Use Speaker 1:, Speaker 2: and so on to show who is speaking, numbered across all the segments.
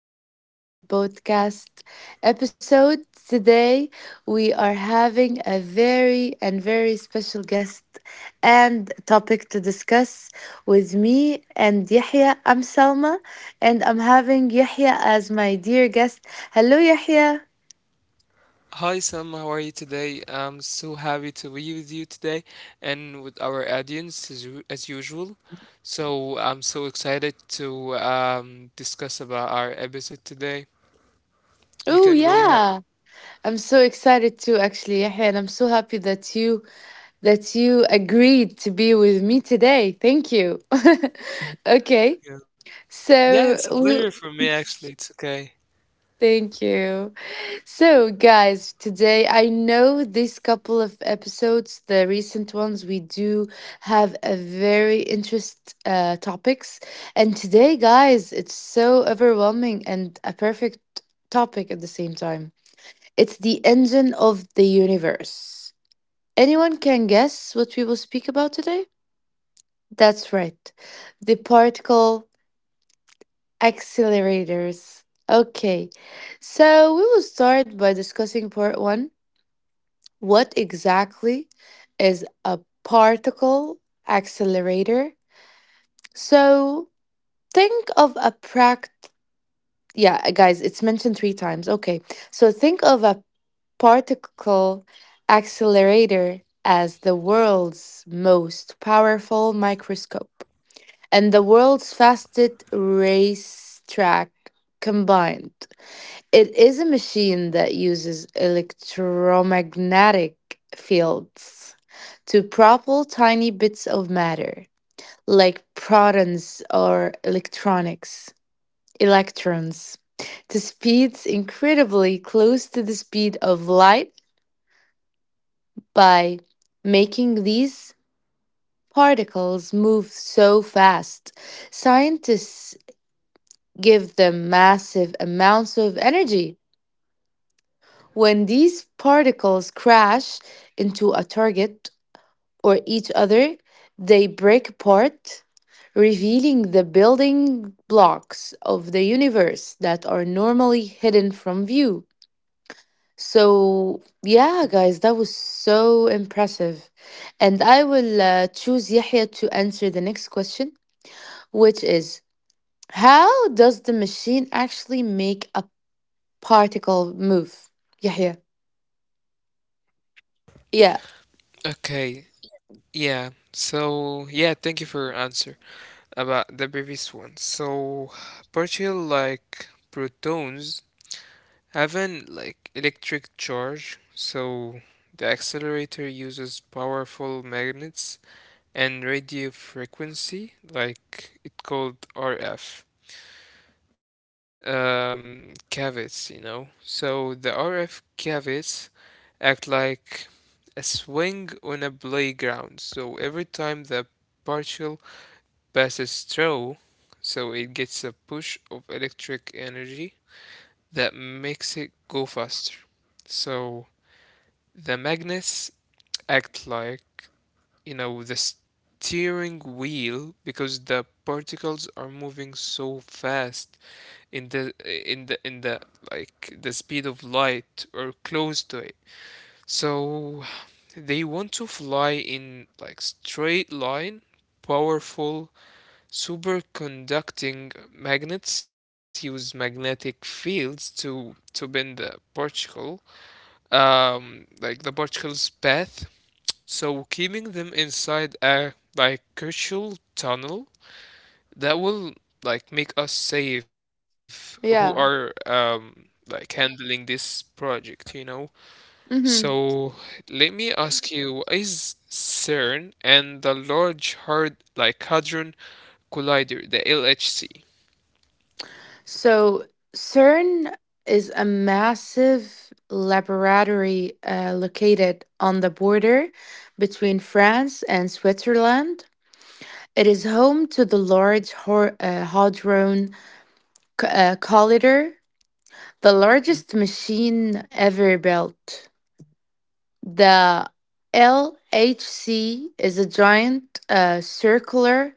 Speaker 1: to our new podcast episode. Today, we are having a very and very special guest and topic to discuss with me and Yahya. I'm Salma, and I'm having Yahya as my dear guest. Hello, Yahya.
Speaker 2: Hi Sam, how are you today? I'm so happy to be with you today and with our audience as usual. So I'm so excited to discuss about our episode today. You
Speaker 1: Oh,
Speaker 2: can go ahead.
Speaker 1: yeah. I'm so excited too, actually, Yahya, and I'm so happy that you agreed to be with me today. Thank you. Okay.
Speaker 2: Yeah. Yeah,
Speaker 1: So,
Speaker 2: it's a pleasure for me actually. It's okay.
Speaker 1: thank you. So, guys, today I know this couple of episodes, the recent ones, we do have a very interest topics. And today, guys, it's so overwhelming and a perfect topic at the same time. It's the engine of the universe. Anyone can guess what we will speak about today? That's right. The particle accelerators. Okay, so we will start by discussing part one. What exactly is a particle accelerator? So think of a pract. Yeah, guys, it's mentioned three times. Okay, so think of a particle accelerator as the world's most powerful microscope and the world's fastest racetrack combined. It is a machine that uses electromagnetic fields to propel tiny bits of matter, like protons or electronics, electrons, to speeds incredibly close to the speed of light by making these particles move so fast. Scientists give them massive amounts of energy. When these particles crash into a target or each other, they break apart, revealing the building blocks of the universe that are normally hidden from view. So, yeah, guys, that was so impressive. And I will choose Yahya to answer the next question, which is, how does the machine actually make a particle move? Yeah, yeah. Yeah.
Speaker 2: Okay. Yeah. So yeah, thank you for your answer about the previous one. So partial like protons. Have an like electric charge, so the accelerator uses powerful magnets and radio frequency, like it called RF cavities. So the RF cavities act like a swing on a playground. So every time the particle passes through, so it gets a push of electric energy that makes it go faster. So the magnets act like, the steering wheel because the particles are moving so fast in the in the like the speed of light or close to it. So they want to fly in like straight line, powerful superconducting magnets use magnetic fields to bend particle the particle's path, so keeping them inside a like crucial tunnel that will like make us safe who are
Speaker 1: Yeah.
Speaker 2: like handling this project.
Speaker 1: Hmm.
Speaker 2: So let me ask you, what is CERN and the Large Hard like Hadron Collider, the LHC?
Speaker 1: So CERN is a massive laboratory located on the border between France and Switzerland. It is home to the Large Hadron Collider, the largest machine ever built. The LHC is a giant circular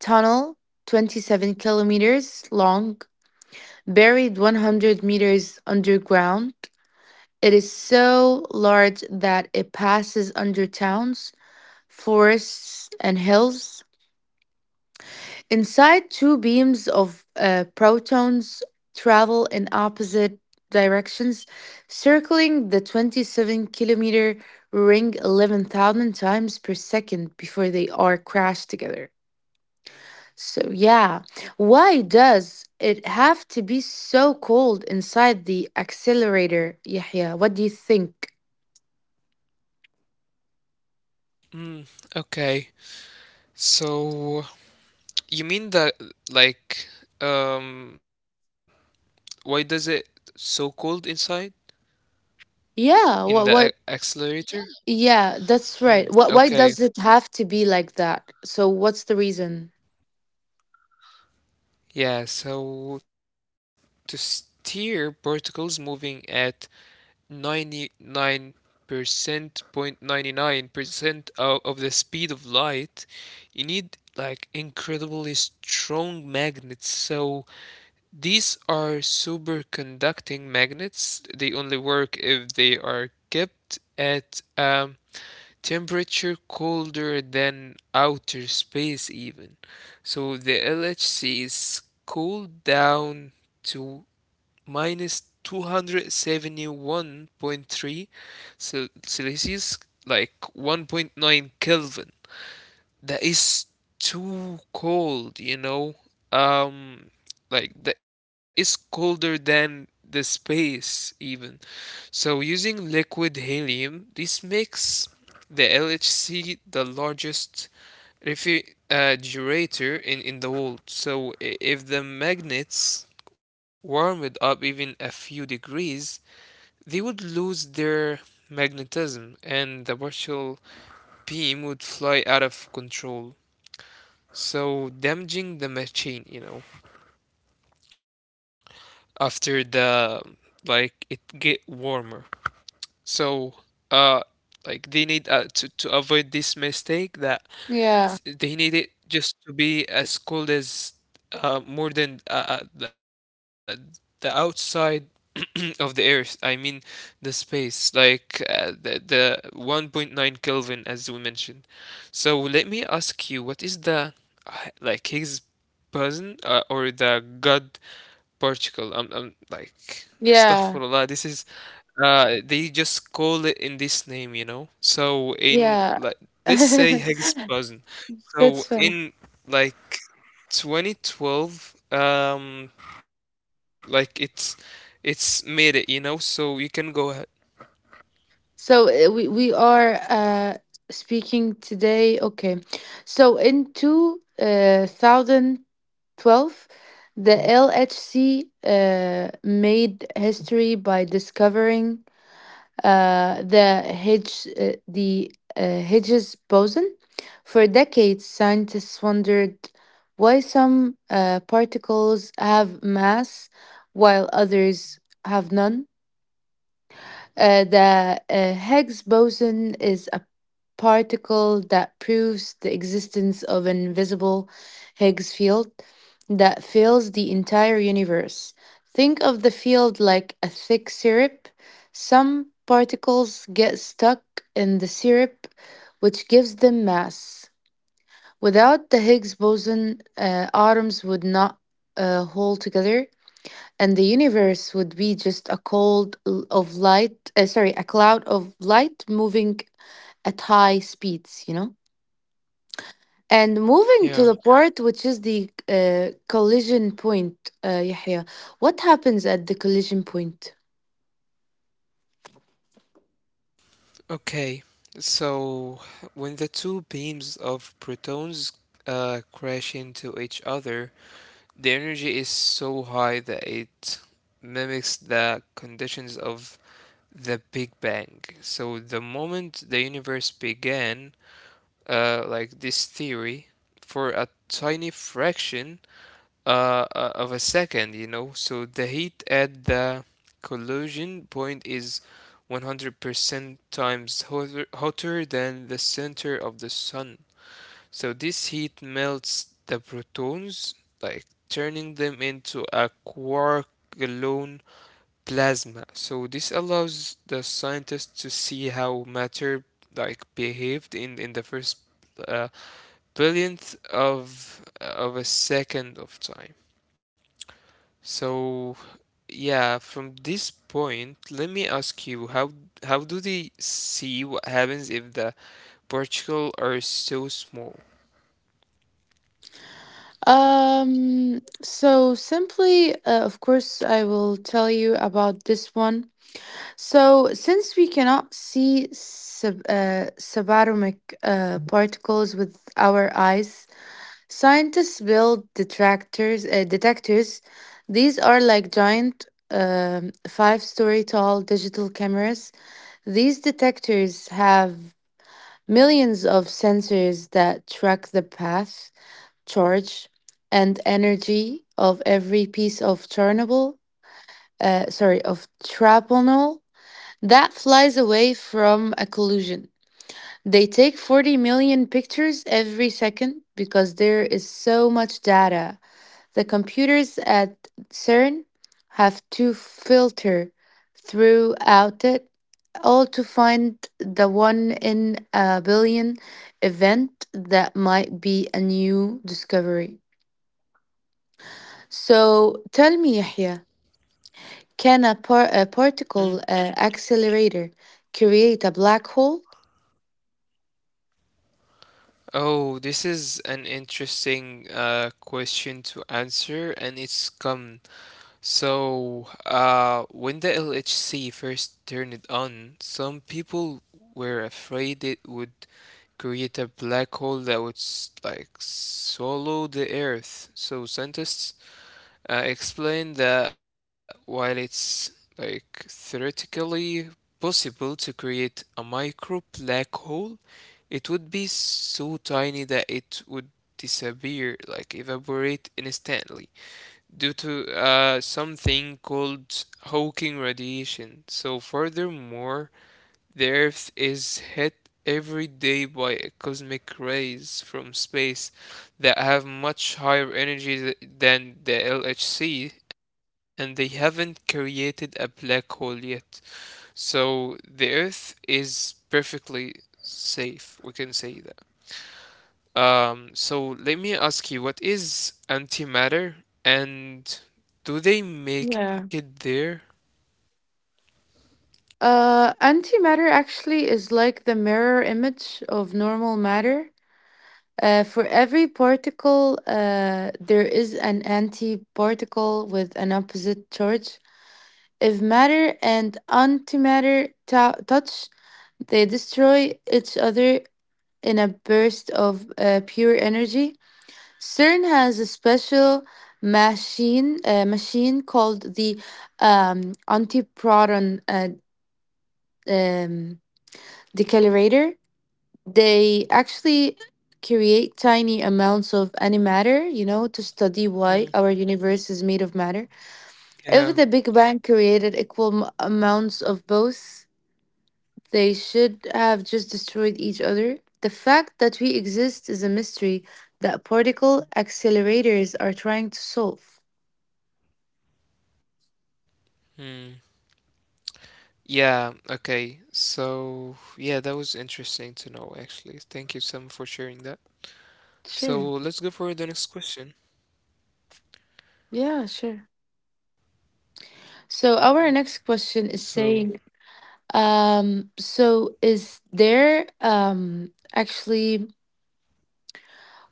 Speaker 1: tunnel, 27 kilometers long, buried 100 meters underground. It is so large that it passes under towns, forests, and hills. Inside, two beams of protons travel in opposite directions, circling the 27-kilometer ring 11,000 times per second before they are crashed together. So, yeah, why does it have to be so cold inside the accelerator, Yahya? What do you think?
Speaker 2: Mm, okay. So you mean that like um why does it so cold inside in
Speaker 1: Yeah,
Speaker 2: the a- accelerator?
Speaker 1: yeah, that's
Speaker 2: Mm,
Speaker 1: right. Why
Speaker 2: okay.
Speaker 1: does it have to be like that? So, what's the reason?
Speaker 2: Yeah, so to steer particles moving at 99% point 99% of the speed of light, you need like incredibly strong magnets. So these are superconducting magnets. They only work if they are kept at temperature colder than outer space even. So the LHC is cooled down to minus 271.3 Celsius, like 1.9 Kelvin that is too cold, you know? Um, like that is colder than the space even. So using liquid helium, this makes the LHC the largest refrigerator in the world. So if the magnets warm it up even a few degrees, they would lose their magnetism and the partial beam would fly out of control. So damaging the machine, after the like it get warmer. So uh like they need to avoid this mistake that
Speaker 1: Yeah,
Speaker 2: they need it just to be as cold as more than the outside of the earth, I mean the space, like the 1.9 Kelvin as we mentioned. So let me ask you, what is the uh, like Higgs boson or the god Portugal. I'm like,
Speaker 1: yeah,
Speaker 2: astaghfirullah. They just call it in this name. So in
Speaker 1: yeah.
Speaker 2: like, let's say Higgs-boson.
Speaker 1: That's
Speaker 2: So
Speaker 1: fun.
Speaker 2: in like 2012, like it's made it. So you can go ahead.
Speaker 1: So, we are speaking today. Okay. So, in 2000. 12. The LHC made history by discovering the Higgs boson. For decades, scientists wondered why some particles have mass while others have none. The Higgs boson is a particle that proves the existence of an invisible Higgs field that fills the entire universe. Think of the field like a thick syrup. Some particles get stuck in the syrup, which gives them mass. Without the Higgs boson, atoms would not hold together, and the universe would be just a cold l- of light sorry, a cloud of light moving at high speeds, and
Speaker 2: Yeah.
Speaker 1: moving to the part, which is the collision point. Yahya, what happens at the collision point?
Speaker 2: Okay. So when the two beams of protons crash into each other, the energy is so high that it mimics the conditions of the Big Bang. So the moment the universe began, like this theory, for a tiny fraction of a second. So the heat at the collision point is 100% times hotter than the center of the sun. So this heat melts the protons, like turning them into a quark gluon plasma. So this allows the scientists to see how matter like behaved in the first uh, billionth of a second of time. So yeah, from this point, let me ask you how do they see what happens if the particles are so small?
Speaker 1: So simply, of course, I will tell you about this one. So, since we cannot see subatomic particles with our eyes, scientists build detectors. These are like giant, five-story tall digital cameras. These detectors have millions of sensors that track the path, charge, and energy of every piece of traponol that flies away from a collision. They take 40 million pictures every second, because there is so much data the computers at CERN have to filter throughout it all to find the one in a billion event that might be a new discovery. So tell me, Yahya, can a
Speaker 2: Hmm.
Speaker 1: particle accelerator create a black hole?
Speaker 2: Oh, this is an interesting question to answer, and it's come. So, when the LHC first turned it on, some people were afraid it would create a black hole that would swallow the Earth. So scientists explained that while it's like theoretically possible to create a micro black hole, it would be so tiny that it would disappear, like evaporate instantly, due to something called Hawking radiation. So, furthermore, the Earth is hit every day by cosmic rays from space that have much higher energy than the LHC, and they haven't created a black hole yet. So, the Earth is perfectly safe, we can say, so let me ask you, what is antimatter and do they make it
Speaker 1: Yeah.
Speaker 2: there?
Speaker 1: Antimatter actually is like the mirror image of normal matter. For every particle, there is an antiparticle with an opposite charge. If matter and antimatter touch, they destroy each other in a burst of pure energy. CERN has a special machine called the antiproton um, decelerator. They actually create tiny amounts of antimatter, to study why our
Speaker 2: Mm.
Speaker 1: universe is made of matter. If the Big
Speaker 2: Yeah.
Speaker 1: Bang created equal amounts of both, they should have just destroyed each other. The fact that we exist is a mystery that particle accelerators are trying to solve.
Speaker 2: Hmm. Yeah, okay. So, yeah, that was interesting to know actually. Thank you, Sam, for sharing that.
Speaker 1: Sure.
Speaker 2: So, let's go for the next question.
Speaker 1: Yeah, sure. So, our next question is
Speaker 2: So,
Speaker 1: saying, is there actually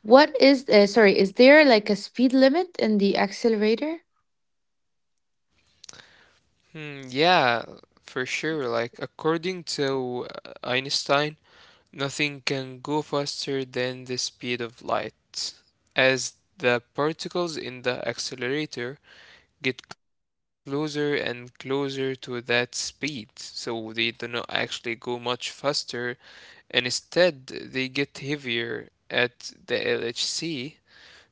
Speaker 1: What is sorry, is there like a speed limit in the accelerator?
Speaker 2: yeah, for sure. Like, according to Einstein, nothing can go faster than the speed of light. As the particles in the accelerator get closer and closer to that speed, so they do not actually go much faster, and instead they get heavier at the LHC.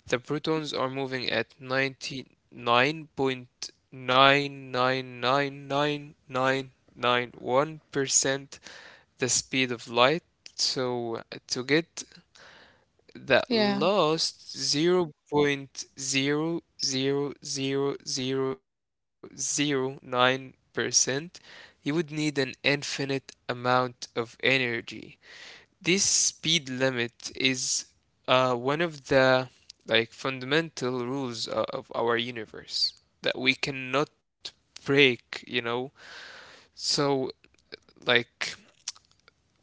Speaker 2: The protons are moving at 99.9999991% the speed of light. So to get that
Speaker 1: Yeah.
Speaker 2: last zero point zero zero zero zero zero 0.000009%, you would need an infinite amount of energy. This speed limit is one of the like fundamental rules of our universe that we cannot break. So like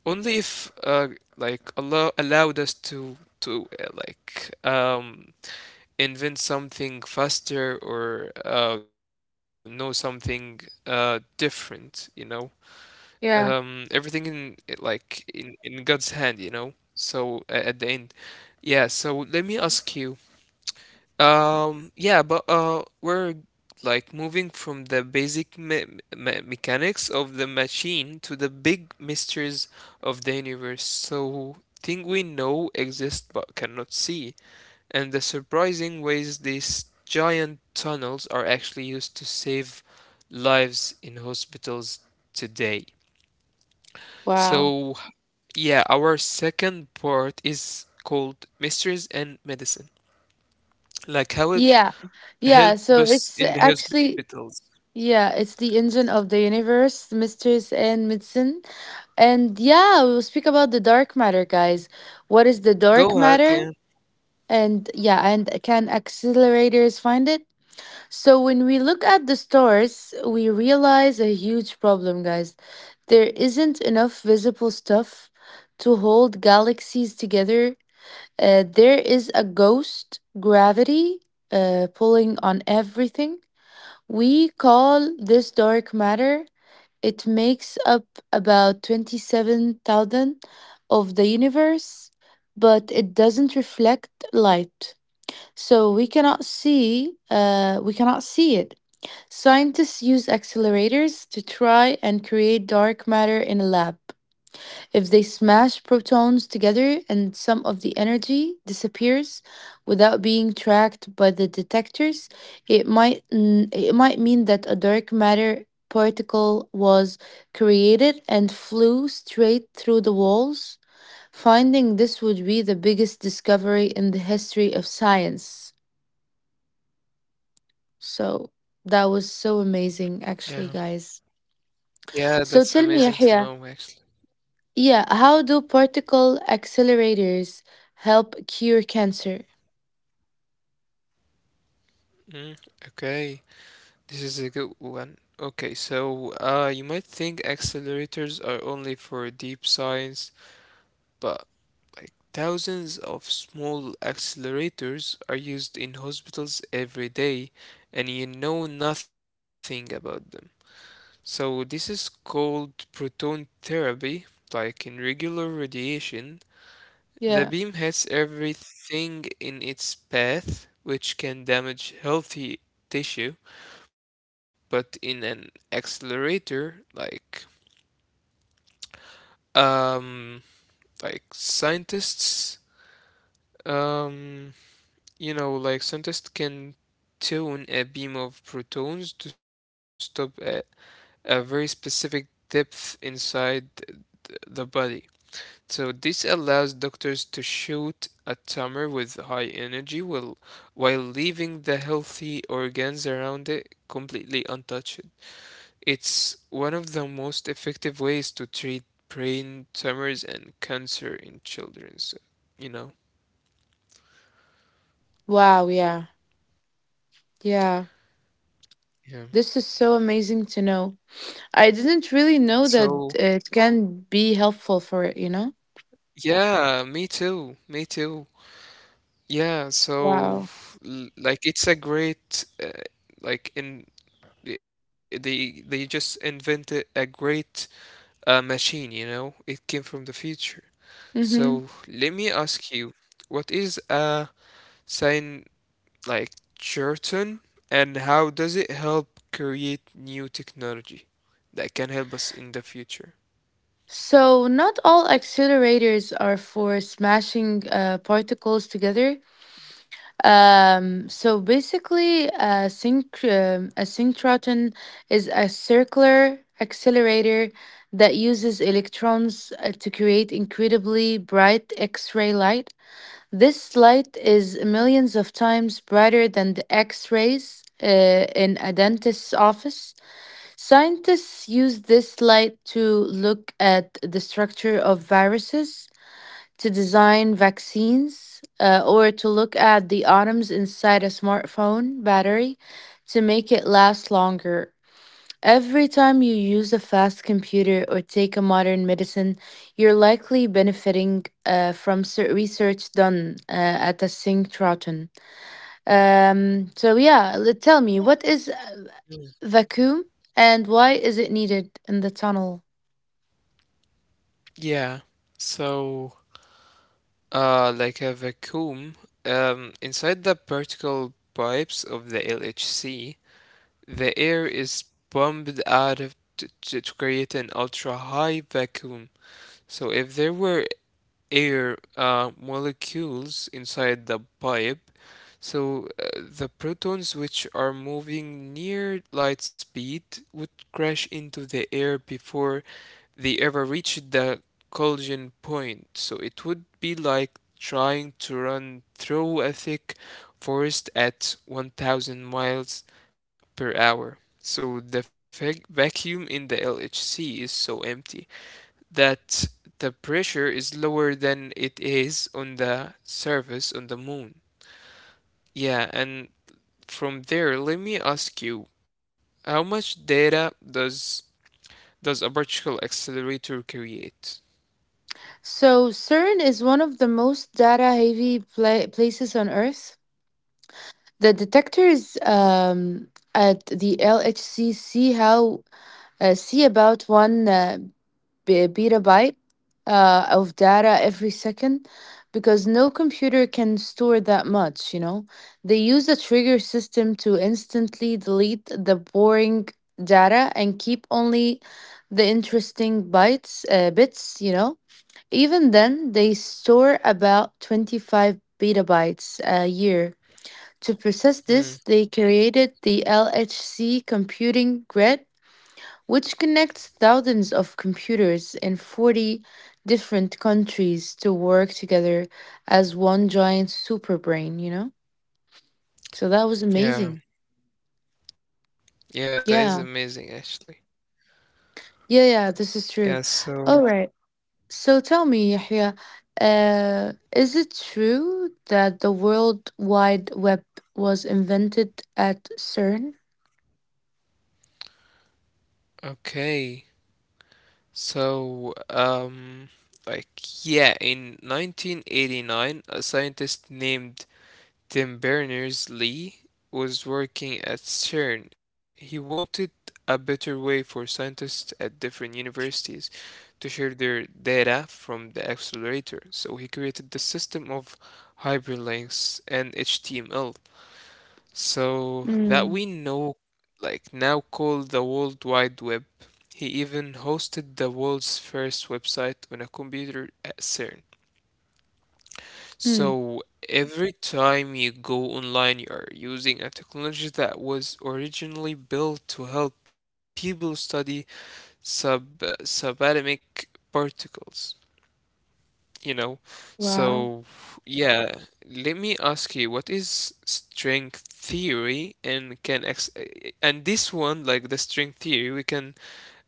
Speaker 2: only if like Allah allowed us to like invent something faster or know something different.
Speaker 1: Yeah.
Speaker 2: Everything in like in God's hand. So at the end, yeah. So let me ask you, yeah, but we're like moving from the basic me me mechanics of the machine to the big mysteries of the universe. So, things we know exist but cannot see, and the surprising ways these giant tunnels are actually used to save lives in hospitals today.
Speaker 1: Wow.
Speaker 2: So, yeah, our second part is called Mysteries and Medicine,
Speaker 1: Yeah.
Speaker 2: like how it
Speaker 1: Yeah, so it's
Speaker 2: help us
Speaker 1: actually,
Speaker 2: in the hospitals.
Speaker 1: yeah, it's the engine of the universe, mysteries and medicine. And yeah, we'll speak about the dark matter, guys. What is the dark matter?
Speaker 2: Go ahead. Yeah,
Speaker 1: And yeah, and can accelerators find it? So when we look at the stars, we realize a huge problem, guys. There isn't enough visible stuff to hold galaxies together. There is a ghost gravity pulling on everything. We call this dark matter. It makes up about 27,000 of the universe, but it doesn't reflect light. So we cannot see it. Scientists use accelerators to try and create dark matter in a lab. If they smash protons together and some of the energy disappears without being tracked by the detectors, it might it might mean that a dark matter particle was created and flew straight through the walls. Finding this would be the biggest discovery in the history of science. So that was so amazing
Speaker 2: yeah,
Speaker 1: actually, guys.
Speaker 2: yeah. That's
Speaker 1: So
Speaker 2: amazing
Speaker 1: tell
Speaker 2: to
Speaker 1: me,
Speaker 2: know,
Speaker 1: Yahya,
Speaker 2: actually.
Speaker 1: yeah, how do particle accelerators help cure cancer?
Speaker 2: Mm, okay, this is a good one. Okay, so you might think accelerators are only for deep science, but like thousands of small accelerators are used in hospitals every day, and you know nothing about them. So this is called proton therapy. Like in regular radiation, the
Speaker 1: Yeah.
Speaker 2: beam hits everything in its path, which can damage healthy tissue, but in an accelerator, um like scientists um you know like scientists can tune a beam of protons to stop at a very specific depth inside the body. So this allows doctors to shoot a tumor with high energy while leaving the healthy organs around it completely untouched. It's one of the most effective ways to treat brain tumors and cancer in children, so, you know.
Speaker 1: Wow, yeah. Yeah.
Speaker 2: Yeah.
Speaker 1: This is so amazing to know. I didn't really know that
Speaker 2: So,
Speaker 1: it can be helpful for it, you know?
Speaker 2: yeah, me too. Me too. Yeah, so
Speaker 1: Wow.
Speaker 2: like it's a great like in they just invented a great, a machine, you know? It came from the future.
Speaker 1: Mhm.
Speaker 2: So let me ask you, what is a sign like Churton, and how does it help create new technology that can help us in the future?
Speaker 1: So, not all accelerators are for smashing particles together. So basically, a synchrotron is a circular accelerator that uses electrons to create incredibly bright X-ray light. This light is millions of times brighter than the X-rays in a dentist's office. Scientists use this light to look at the structure of viruses to design vaccines, or to look at the atoms inside a smartphone battery to make it last longer. Every time you use a fast computer or take a modern medicine, you're likely benefiting from research done at a synchrotron. So, yeah, tell me, what is
Speaker 2: Mm.
Speaker 1: vacuum and why is it needed in the tunnel?
Speaker 2: Yeah. So, like a vacuum, inside the particle pipes of the LHC, the air is pumped out of to create an ultra high vacuum. So if there were air molecules inside the pipe, so the protons, which are moving near light speed, would crash into the air before they ever reached the collision point. So it would be like trying to run through a thick forest at 1,000 miles per hour. So the vacuum in the LHC is so empty that the pressure is lower than it is on the surface on the moon. Yeah, and from there, let me ask you, how much data does a particle accelerator create?
Speaker 1: So, CERN is one of the most data heavy places on Earth. The detectors at the LHC see about one petabyte of data every second, because no computer can store that much. You know, they use a trigger system to instantly delete the boring data and keep only the interesting bytes bits. You know, even then they store about 25 petabytes a year. To process this,
Speaker 2: Hmm.
Speaker 1: they created the LHC computing grid, which connects thousands of computers in 40 different countries to work together as one giant superbrain, you know? So that was
Speaker 2: Yeah.
Speaker 1: amazing.
Speaker 2: Yeah, that is
Speaker 1: Yeah.
Speaker 2: amazing actually.
Speaker 1: Yeah, yeah, this
Speaker 2: Yeah,
Speaker 1: is true.
Speaker 2: so
Speaker 1: All right. So tell me, Yahya, is it true that the World Wide Web was invented at CERN?
Speaker 2: okay. So like yeah, in 1989, a scientist named Tim Berners-Lee was working at CERN. He wanted a better way for scientists at different universities to share their data from the accelerator. So he created the system of hyperlinks and HTML. So that
Speaker 1: Mm.
Speaker 2: we know like now called the World Wide Web. He even hosted the world's first website on a computer at CERN.
Speaker 1: Mm.
Speaker 2: So every time you go online, you are using a technology that was originally built to help people study subatomic particles, you know?
Speaker 1: Wow.
Speaker 2: So yeah, let me ask you, what is string theory, and can ex and this one, like the string theory, we can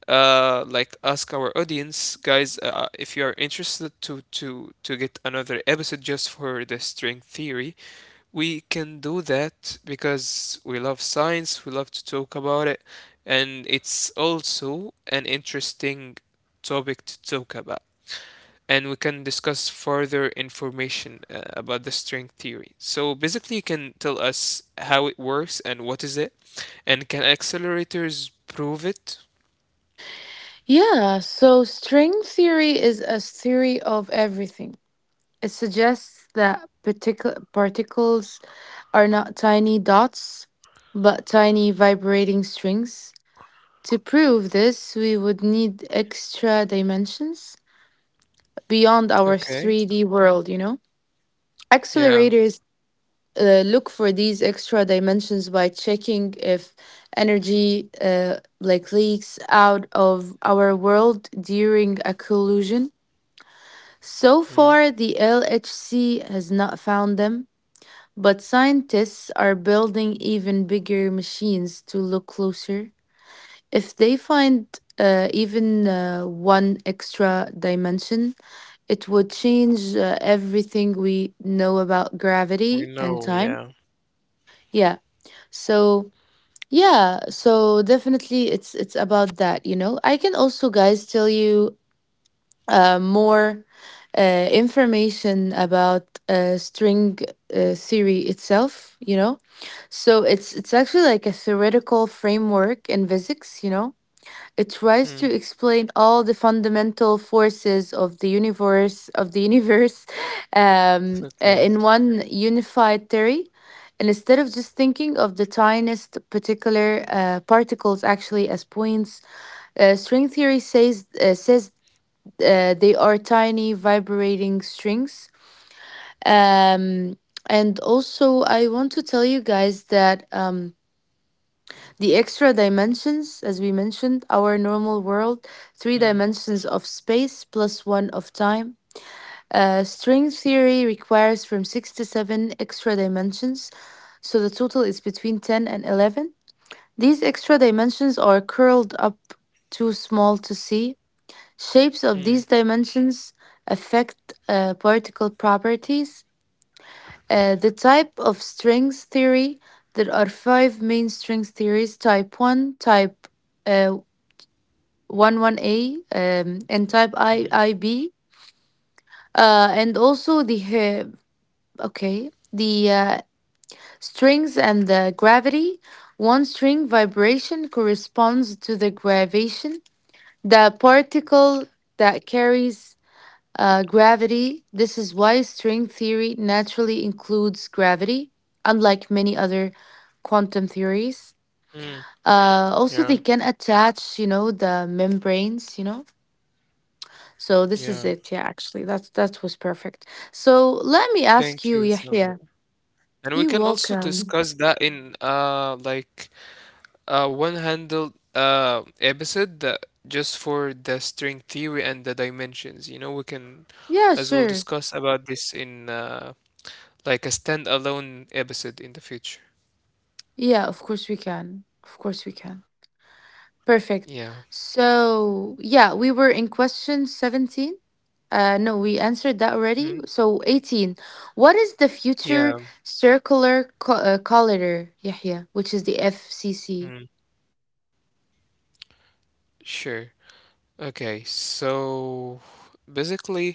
Speaker 2: like ask our audience, guys, if you are interested to get another episode just for the string theory. We can do that because we love science, we love to talk about it, and it's also an interesting topic to talk about. And we can discuss further information about the string theory. So basically, you can tell us how it works and what is it, and can accelerators prove it?
Speaker 1: Yeah, so string theory is a theory of everything. It suggests that particles are not tiny dots, but tiny vibrating strings. To prove this, we would need extra dimensions beyond our
Speaker 2: Okay.
Speaker 1: 3D world, you know?
Speaker 2: Yeah.
Speaker 1: Accelerators look for these extra dimensions by checking if energy like leaks out of our world during a collision. So
Speaker 2: Mm.
Speaker 1: far, the LHC has not found them, but scientists are building even bigger machines to look closer. If they find even one extra dimension, it would change everything we know about
Speaker 2: We
Speaker 1: gravity and
Speaker 2: know.
Speaker 1: time.
Speaker 2: Yeah.
Speaker 1: Yeah. So, yeah, so definitely it's about that, you know. I can also, guys, tell you more information about string theory itself, so it's actually like a theoretical framework in physics, it tries
Speaker 2: Hmm.
Speaker 1: to explain all the fundamental forces of the universe
Speaker 2: It's okay.
Speaker 1: in one unified theory. And instead of just thinking of the tiniest particular particles actually as points, string theory says they are tiny vibrating strings. Um, and also, I want to tell you guys that the extra dimensions, as we mentioned, our normal world,
Speaker 2: Hmm.
Speaker 1: three dimensions of space plus one of time. String theory requires from six to seven extra dimensions, so the total is between 10 and 11. These extra dimensions are curled up too small to see. Shapes
Speaker 2: Hmm.
Speaker 1: of these dimensions affect particle properties. The type of strings theory, there are five main strings theories: type 1, type uh, one a and type
Speaker 2: Hmm.
Speaker 1: I, IB. And also the okay the Strings and the gravity: one string vibration corresponds to the gravitation, the particle that carries gravity. This is why string theory naturally includes gravity, unlike many other quantum theories.
Speaker 2: Mm.
Speaker 1: Also,
Speaker 2: Yeah.
Speaker 1: they can attach, the membranes. So this
Speaker 2: Yeah.
Speaker 1: is it. Yeah, actually, that was perfect. So let me ask
Speaker 2: Thank
Speaker 1: you,
Speaker 2: you, Sam.
Speaker 1: Yahya.
Speaker 2: And we
Speaker 1: You
Speaker 2: can also
Speaker 1: welcome.
Speaker 2: discuss that in one handled episode that just for the string theory and the dimensions. You know, we can
Speaker 1: Yeah,
Speaker 2: as well
Speaker 1: sure.
Speaker 2: discuss about this in like a standalone episode in the future.
Speaker 1: Yeah, of course we can. Of course we can.
Speaker 2: Yeah.
Speaker 1: Perfect. So, yeah, we were in question 17. No, we answered that already.
Speaker 2: Mhm.
Speaker 1: So, 18. What is the future
Speaker 2: Yeah.
Speaker 1: circular corridor, Yahya, which is the FCC?
Speaker 2: mm Sure. Okay, so basically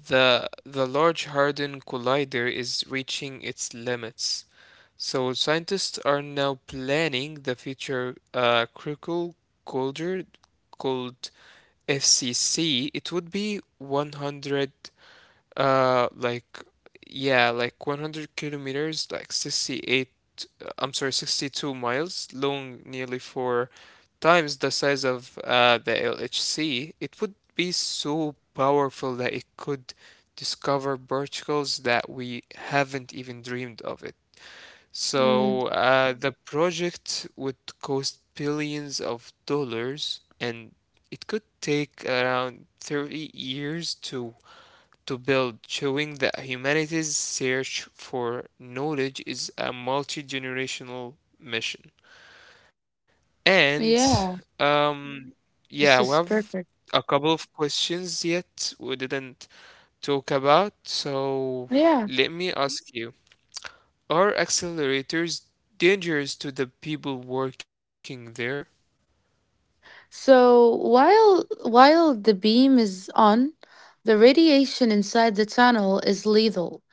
Speaker 2: the Large Hadron Collider is reaching its limits. So scientists are now planning the future critical culture called FCC. It would be 100, uh, like yeah, like 100 kilometers, 62 miles long, nearly four times the size of the LHC. It would be so powerful that it could discover particles that we haven't even dreamed of it.
Speaker 1: Mm,
Speaker 2: So the project would cost billions of dollars, and it could take around 30 years to build, showing that humanity's search for knowledge is a multi-generational mission. And
Speaker 1: yeah,
Speaker 2: um, yeah, we
Speaker 1: this is
Speaker 2: have
Speaker 1: perfect.
Speaker 2: a couple of questions yet we didn't talk about, so
Speaker 1: Yeah.
Speaker 2: let me ask you. Are accelerators dangerous to the people working there?
Speaker 1: So, while the beam is on, the radiation inside the tunnel is lethal.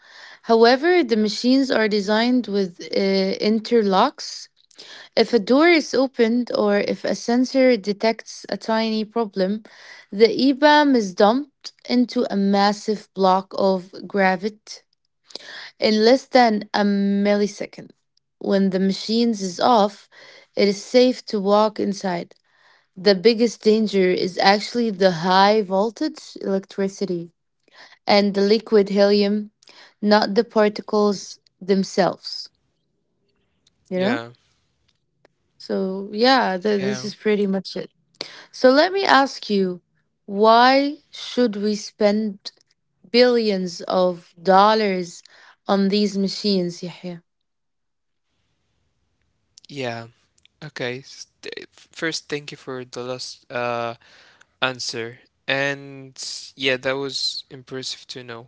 Speaker 1: However, the machines are designed with interlocks. If a door is opened or if a sensor detects a tiny problem, the EBAM is dumped into a massive block of gravit in less than a millisecond. When the machines is off, it is safe to walk inside. The biggest danger is actually the high voltage electricity and the liquid helium, not the particles themselves, you know?
Speaker 2: Yeah,
Speaker 1: So, yeah, th-
Speaker 2: yeah,
Speaker 1: this is pretty much it. So let me ask you, why should we spend billions of dollars on these machines, Yahya?
Speaker 2: yeah. Okay. First, thank you for the last answer. And yeah, that was impressive to know.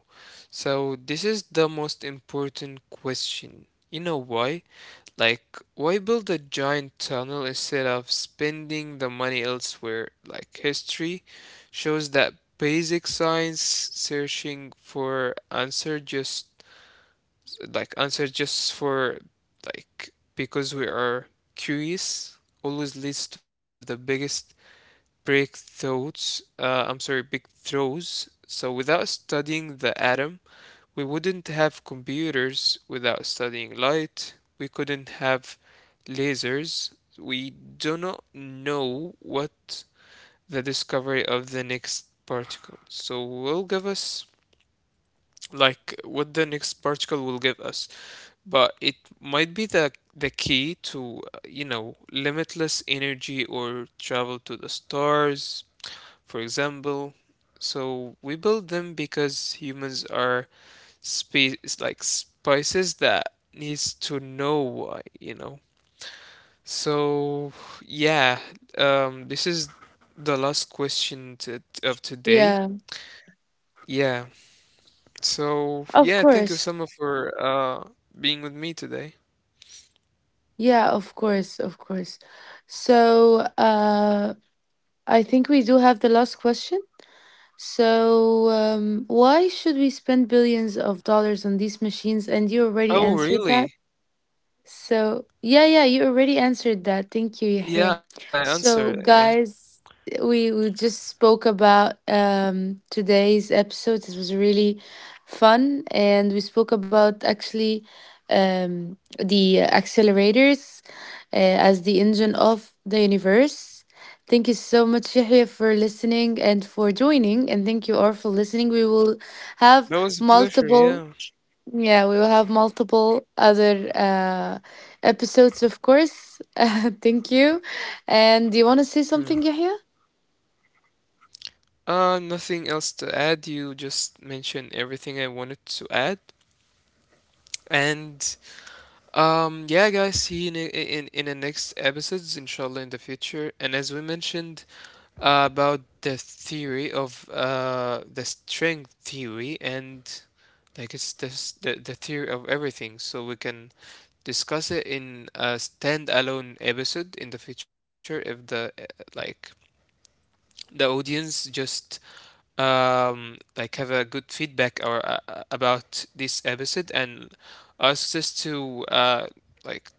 Speaker 2: So this is the most important question. You know why? Like, why build a giant tunnel instead of spending the money elsewhere? Like, history shows that basic science searching for answer just like answer just for like because we are curious always leads to the biggest breakthroughs. I'm sorry, big throws. So without studying the atom, we wouldn't have computers without studying light. We couldn't have lasers. We do not know what the discovery of the next particle. So will give us like what the next particle will give us, but it might be the key to you know limitless energy or travel to the stars, for example. So we build them because humans are spe like spices that needs to know why, you know. So yeah, this is the last question to, of today.
Speaker 1: Yeah,
Speaker 2: Yeah. So
Speaker 1: of
Speaker 2: yeah, thank you,
Speaker 1: course.
Speaker 2: Summer, for being with me today.
Speaker 1: Yeah, of course, of course. So, I think we do have the last question. So, why should we spend billions of dollars on these machines? And you already
Speaker 2: Oh,
Speaker 1: answered
Speaker 2: really?
Speaker 1: that. So, yeah, yeah, you already answered that. Thank you,
Speaker 2: Yeah, I
Speaker 1: Yahya.
Speaker 2: answered. Yeah.
Speaker 1: So, guys, we just spoke about today's episode. It was really fun, and we spoke about actually the accelerators as the engine of the universe. Thank you so much, Yahya, for listening and for joining, and thank you all for listening. We will have
Speaker 2: That was a pleasure,
Speaker 1: multiple
Speaker 2: yeah.
Speaker 1: multiple other episodes, of course. Thank you. And do you want to say
Speaker 2: Hmm.
Speaker 1: something, Yahya?
Speaker 2: Nothing else to add. You just mentioned everything I wanted to add. And yeah, guys, see you in the next episodes, inshallah, in the future. And as we mentioned about the theory of the string theory, and like the theory of everything, so we can discuss it in a standalone episode in the future if the like the audience just like have a good feedback or about this episode and asks us to like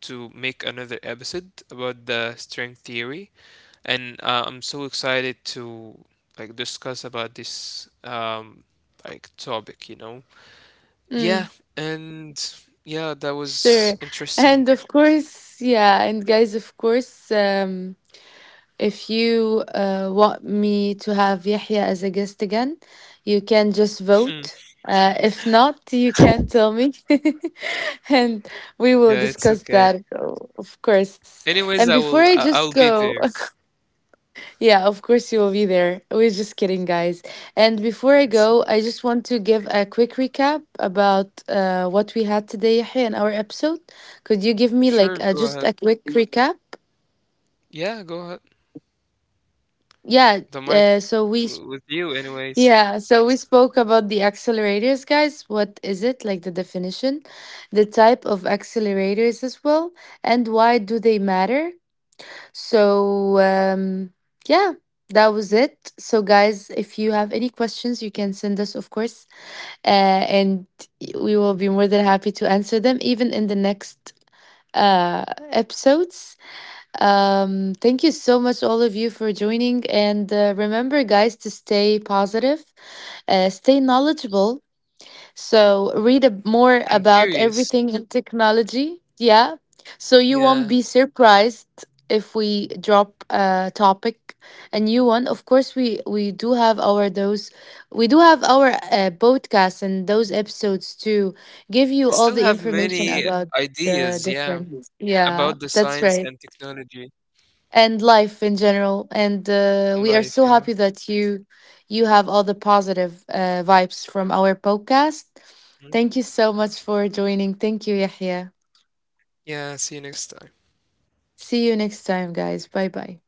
Speaker 2: to make another episode about the string theory, and I'm so excited to like discuss about this topic. You know, yeah,
Speaker 1: Mm,
Speaker 2: and yeah, that was
Speaker 1: sure.
Speaker 2: interesting.
Speaker 1: And of course, yeah, and guys, of course, if you want me to have Yahya as a guest again, you can just
Speaker 2: Hmm.
Speaker 1: vote. If not, you can tell me, and we will
Speaker 2: Yeah, it's
Speaker 1: discuss
Speaker 2: okay.
Speaker 1: that, of course. And
Speaker 2: Anyways, I
Speaker 1: before
Speaker 2: will
Speaker 1: I just
Speaker 2: I'll be
Speaker 1: go,
Speaker 2: there.
Speaker 1: yeah, of course you will be there. We're just kidding, guys. And before I
Speaker 2: It's
Speaker 1: go, I just want to give a quick recap about what we had today, Yahya, in our episode. Could you give me like
Speaker 2: sure. Go
Speaker 1: just
Speaker 2: ahead.
Speaker 1: a quick recap?
Speaker 2: Yeah, go ahead.
Speaker 1: Yeah.
Speaker 2: The mic
Speaker 1: Uh, so we s-
Speaker 2: with you, anyways.
Speaker 1: yeah, so we spoke about the accelerators, guys. What is it? Like the definition, the type of accelerators as well, and why do they matter? So, yeah, that was it. So, guys, if you have any questions, you can send us, of course, uh, and we will be more than happy to answer them, even in the next uh, episodes. Thank you so much, all of you, for joining. And remember, guys, to stay positive, stay knowledgeable, so read more
Speaker 2: I'm
Speaker 1: about
Speaker 2: curious.
Speaker 1: everything in technology. Yeah. So you won't
Speaker 2: Yeah,
Speaker 1: be surprised if we drop a topic, a new one. Of course, we do have our podcasts and those episodes to give you
Speaker 2: I
Speaker 1: all
Speaker 2: still
Speaker 1: the
Speaker 2: have
Speaker 1: information
Speaker 2: many
Speaker 1: about the
Speaker 2: ideas. Yeah,
Speaker 1: different. Yeah,
Speaker 2: about the
Speaker 1: that's
Speaker 2: science
Speaker 1: right,
Speaker 2: and technology.
Speaker 1: and life in general. And we are
Speaker 2: Life,
Speaker 1: so
Speaker 2: yeah.
Speaker 1: happy that you have all the positive vibes from our podcast.
Speaker 2: Mhm.
Speaker 1: Thank you so much for joining. Thank you, Yahya.
Speaker 2: Yeah, see you next time.
Speaker 1: See you next time, guys. Bye bye.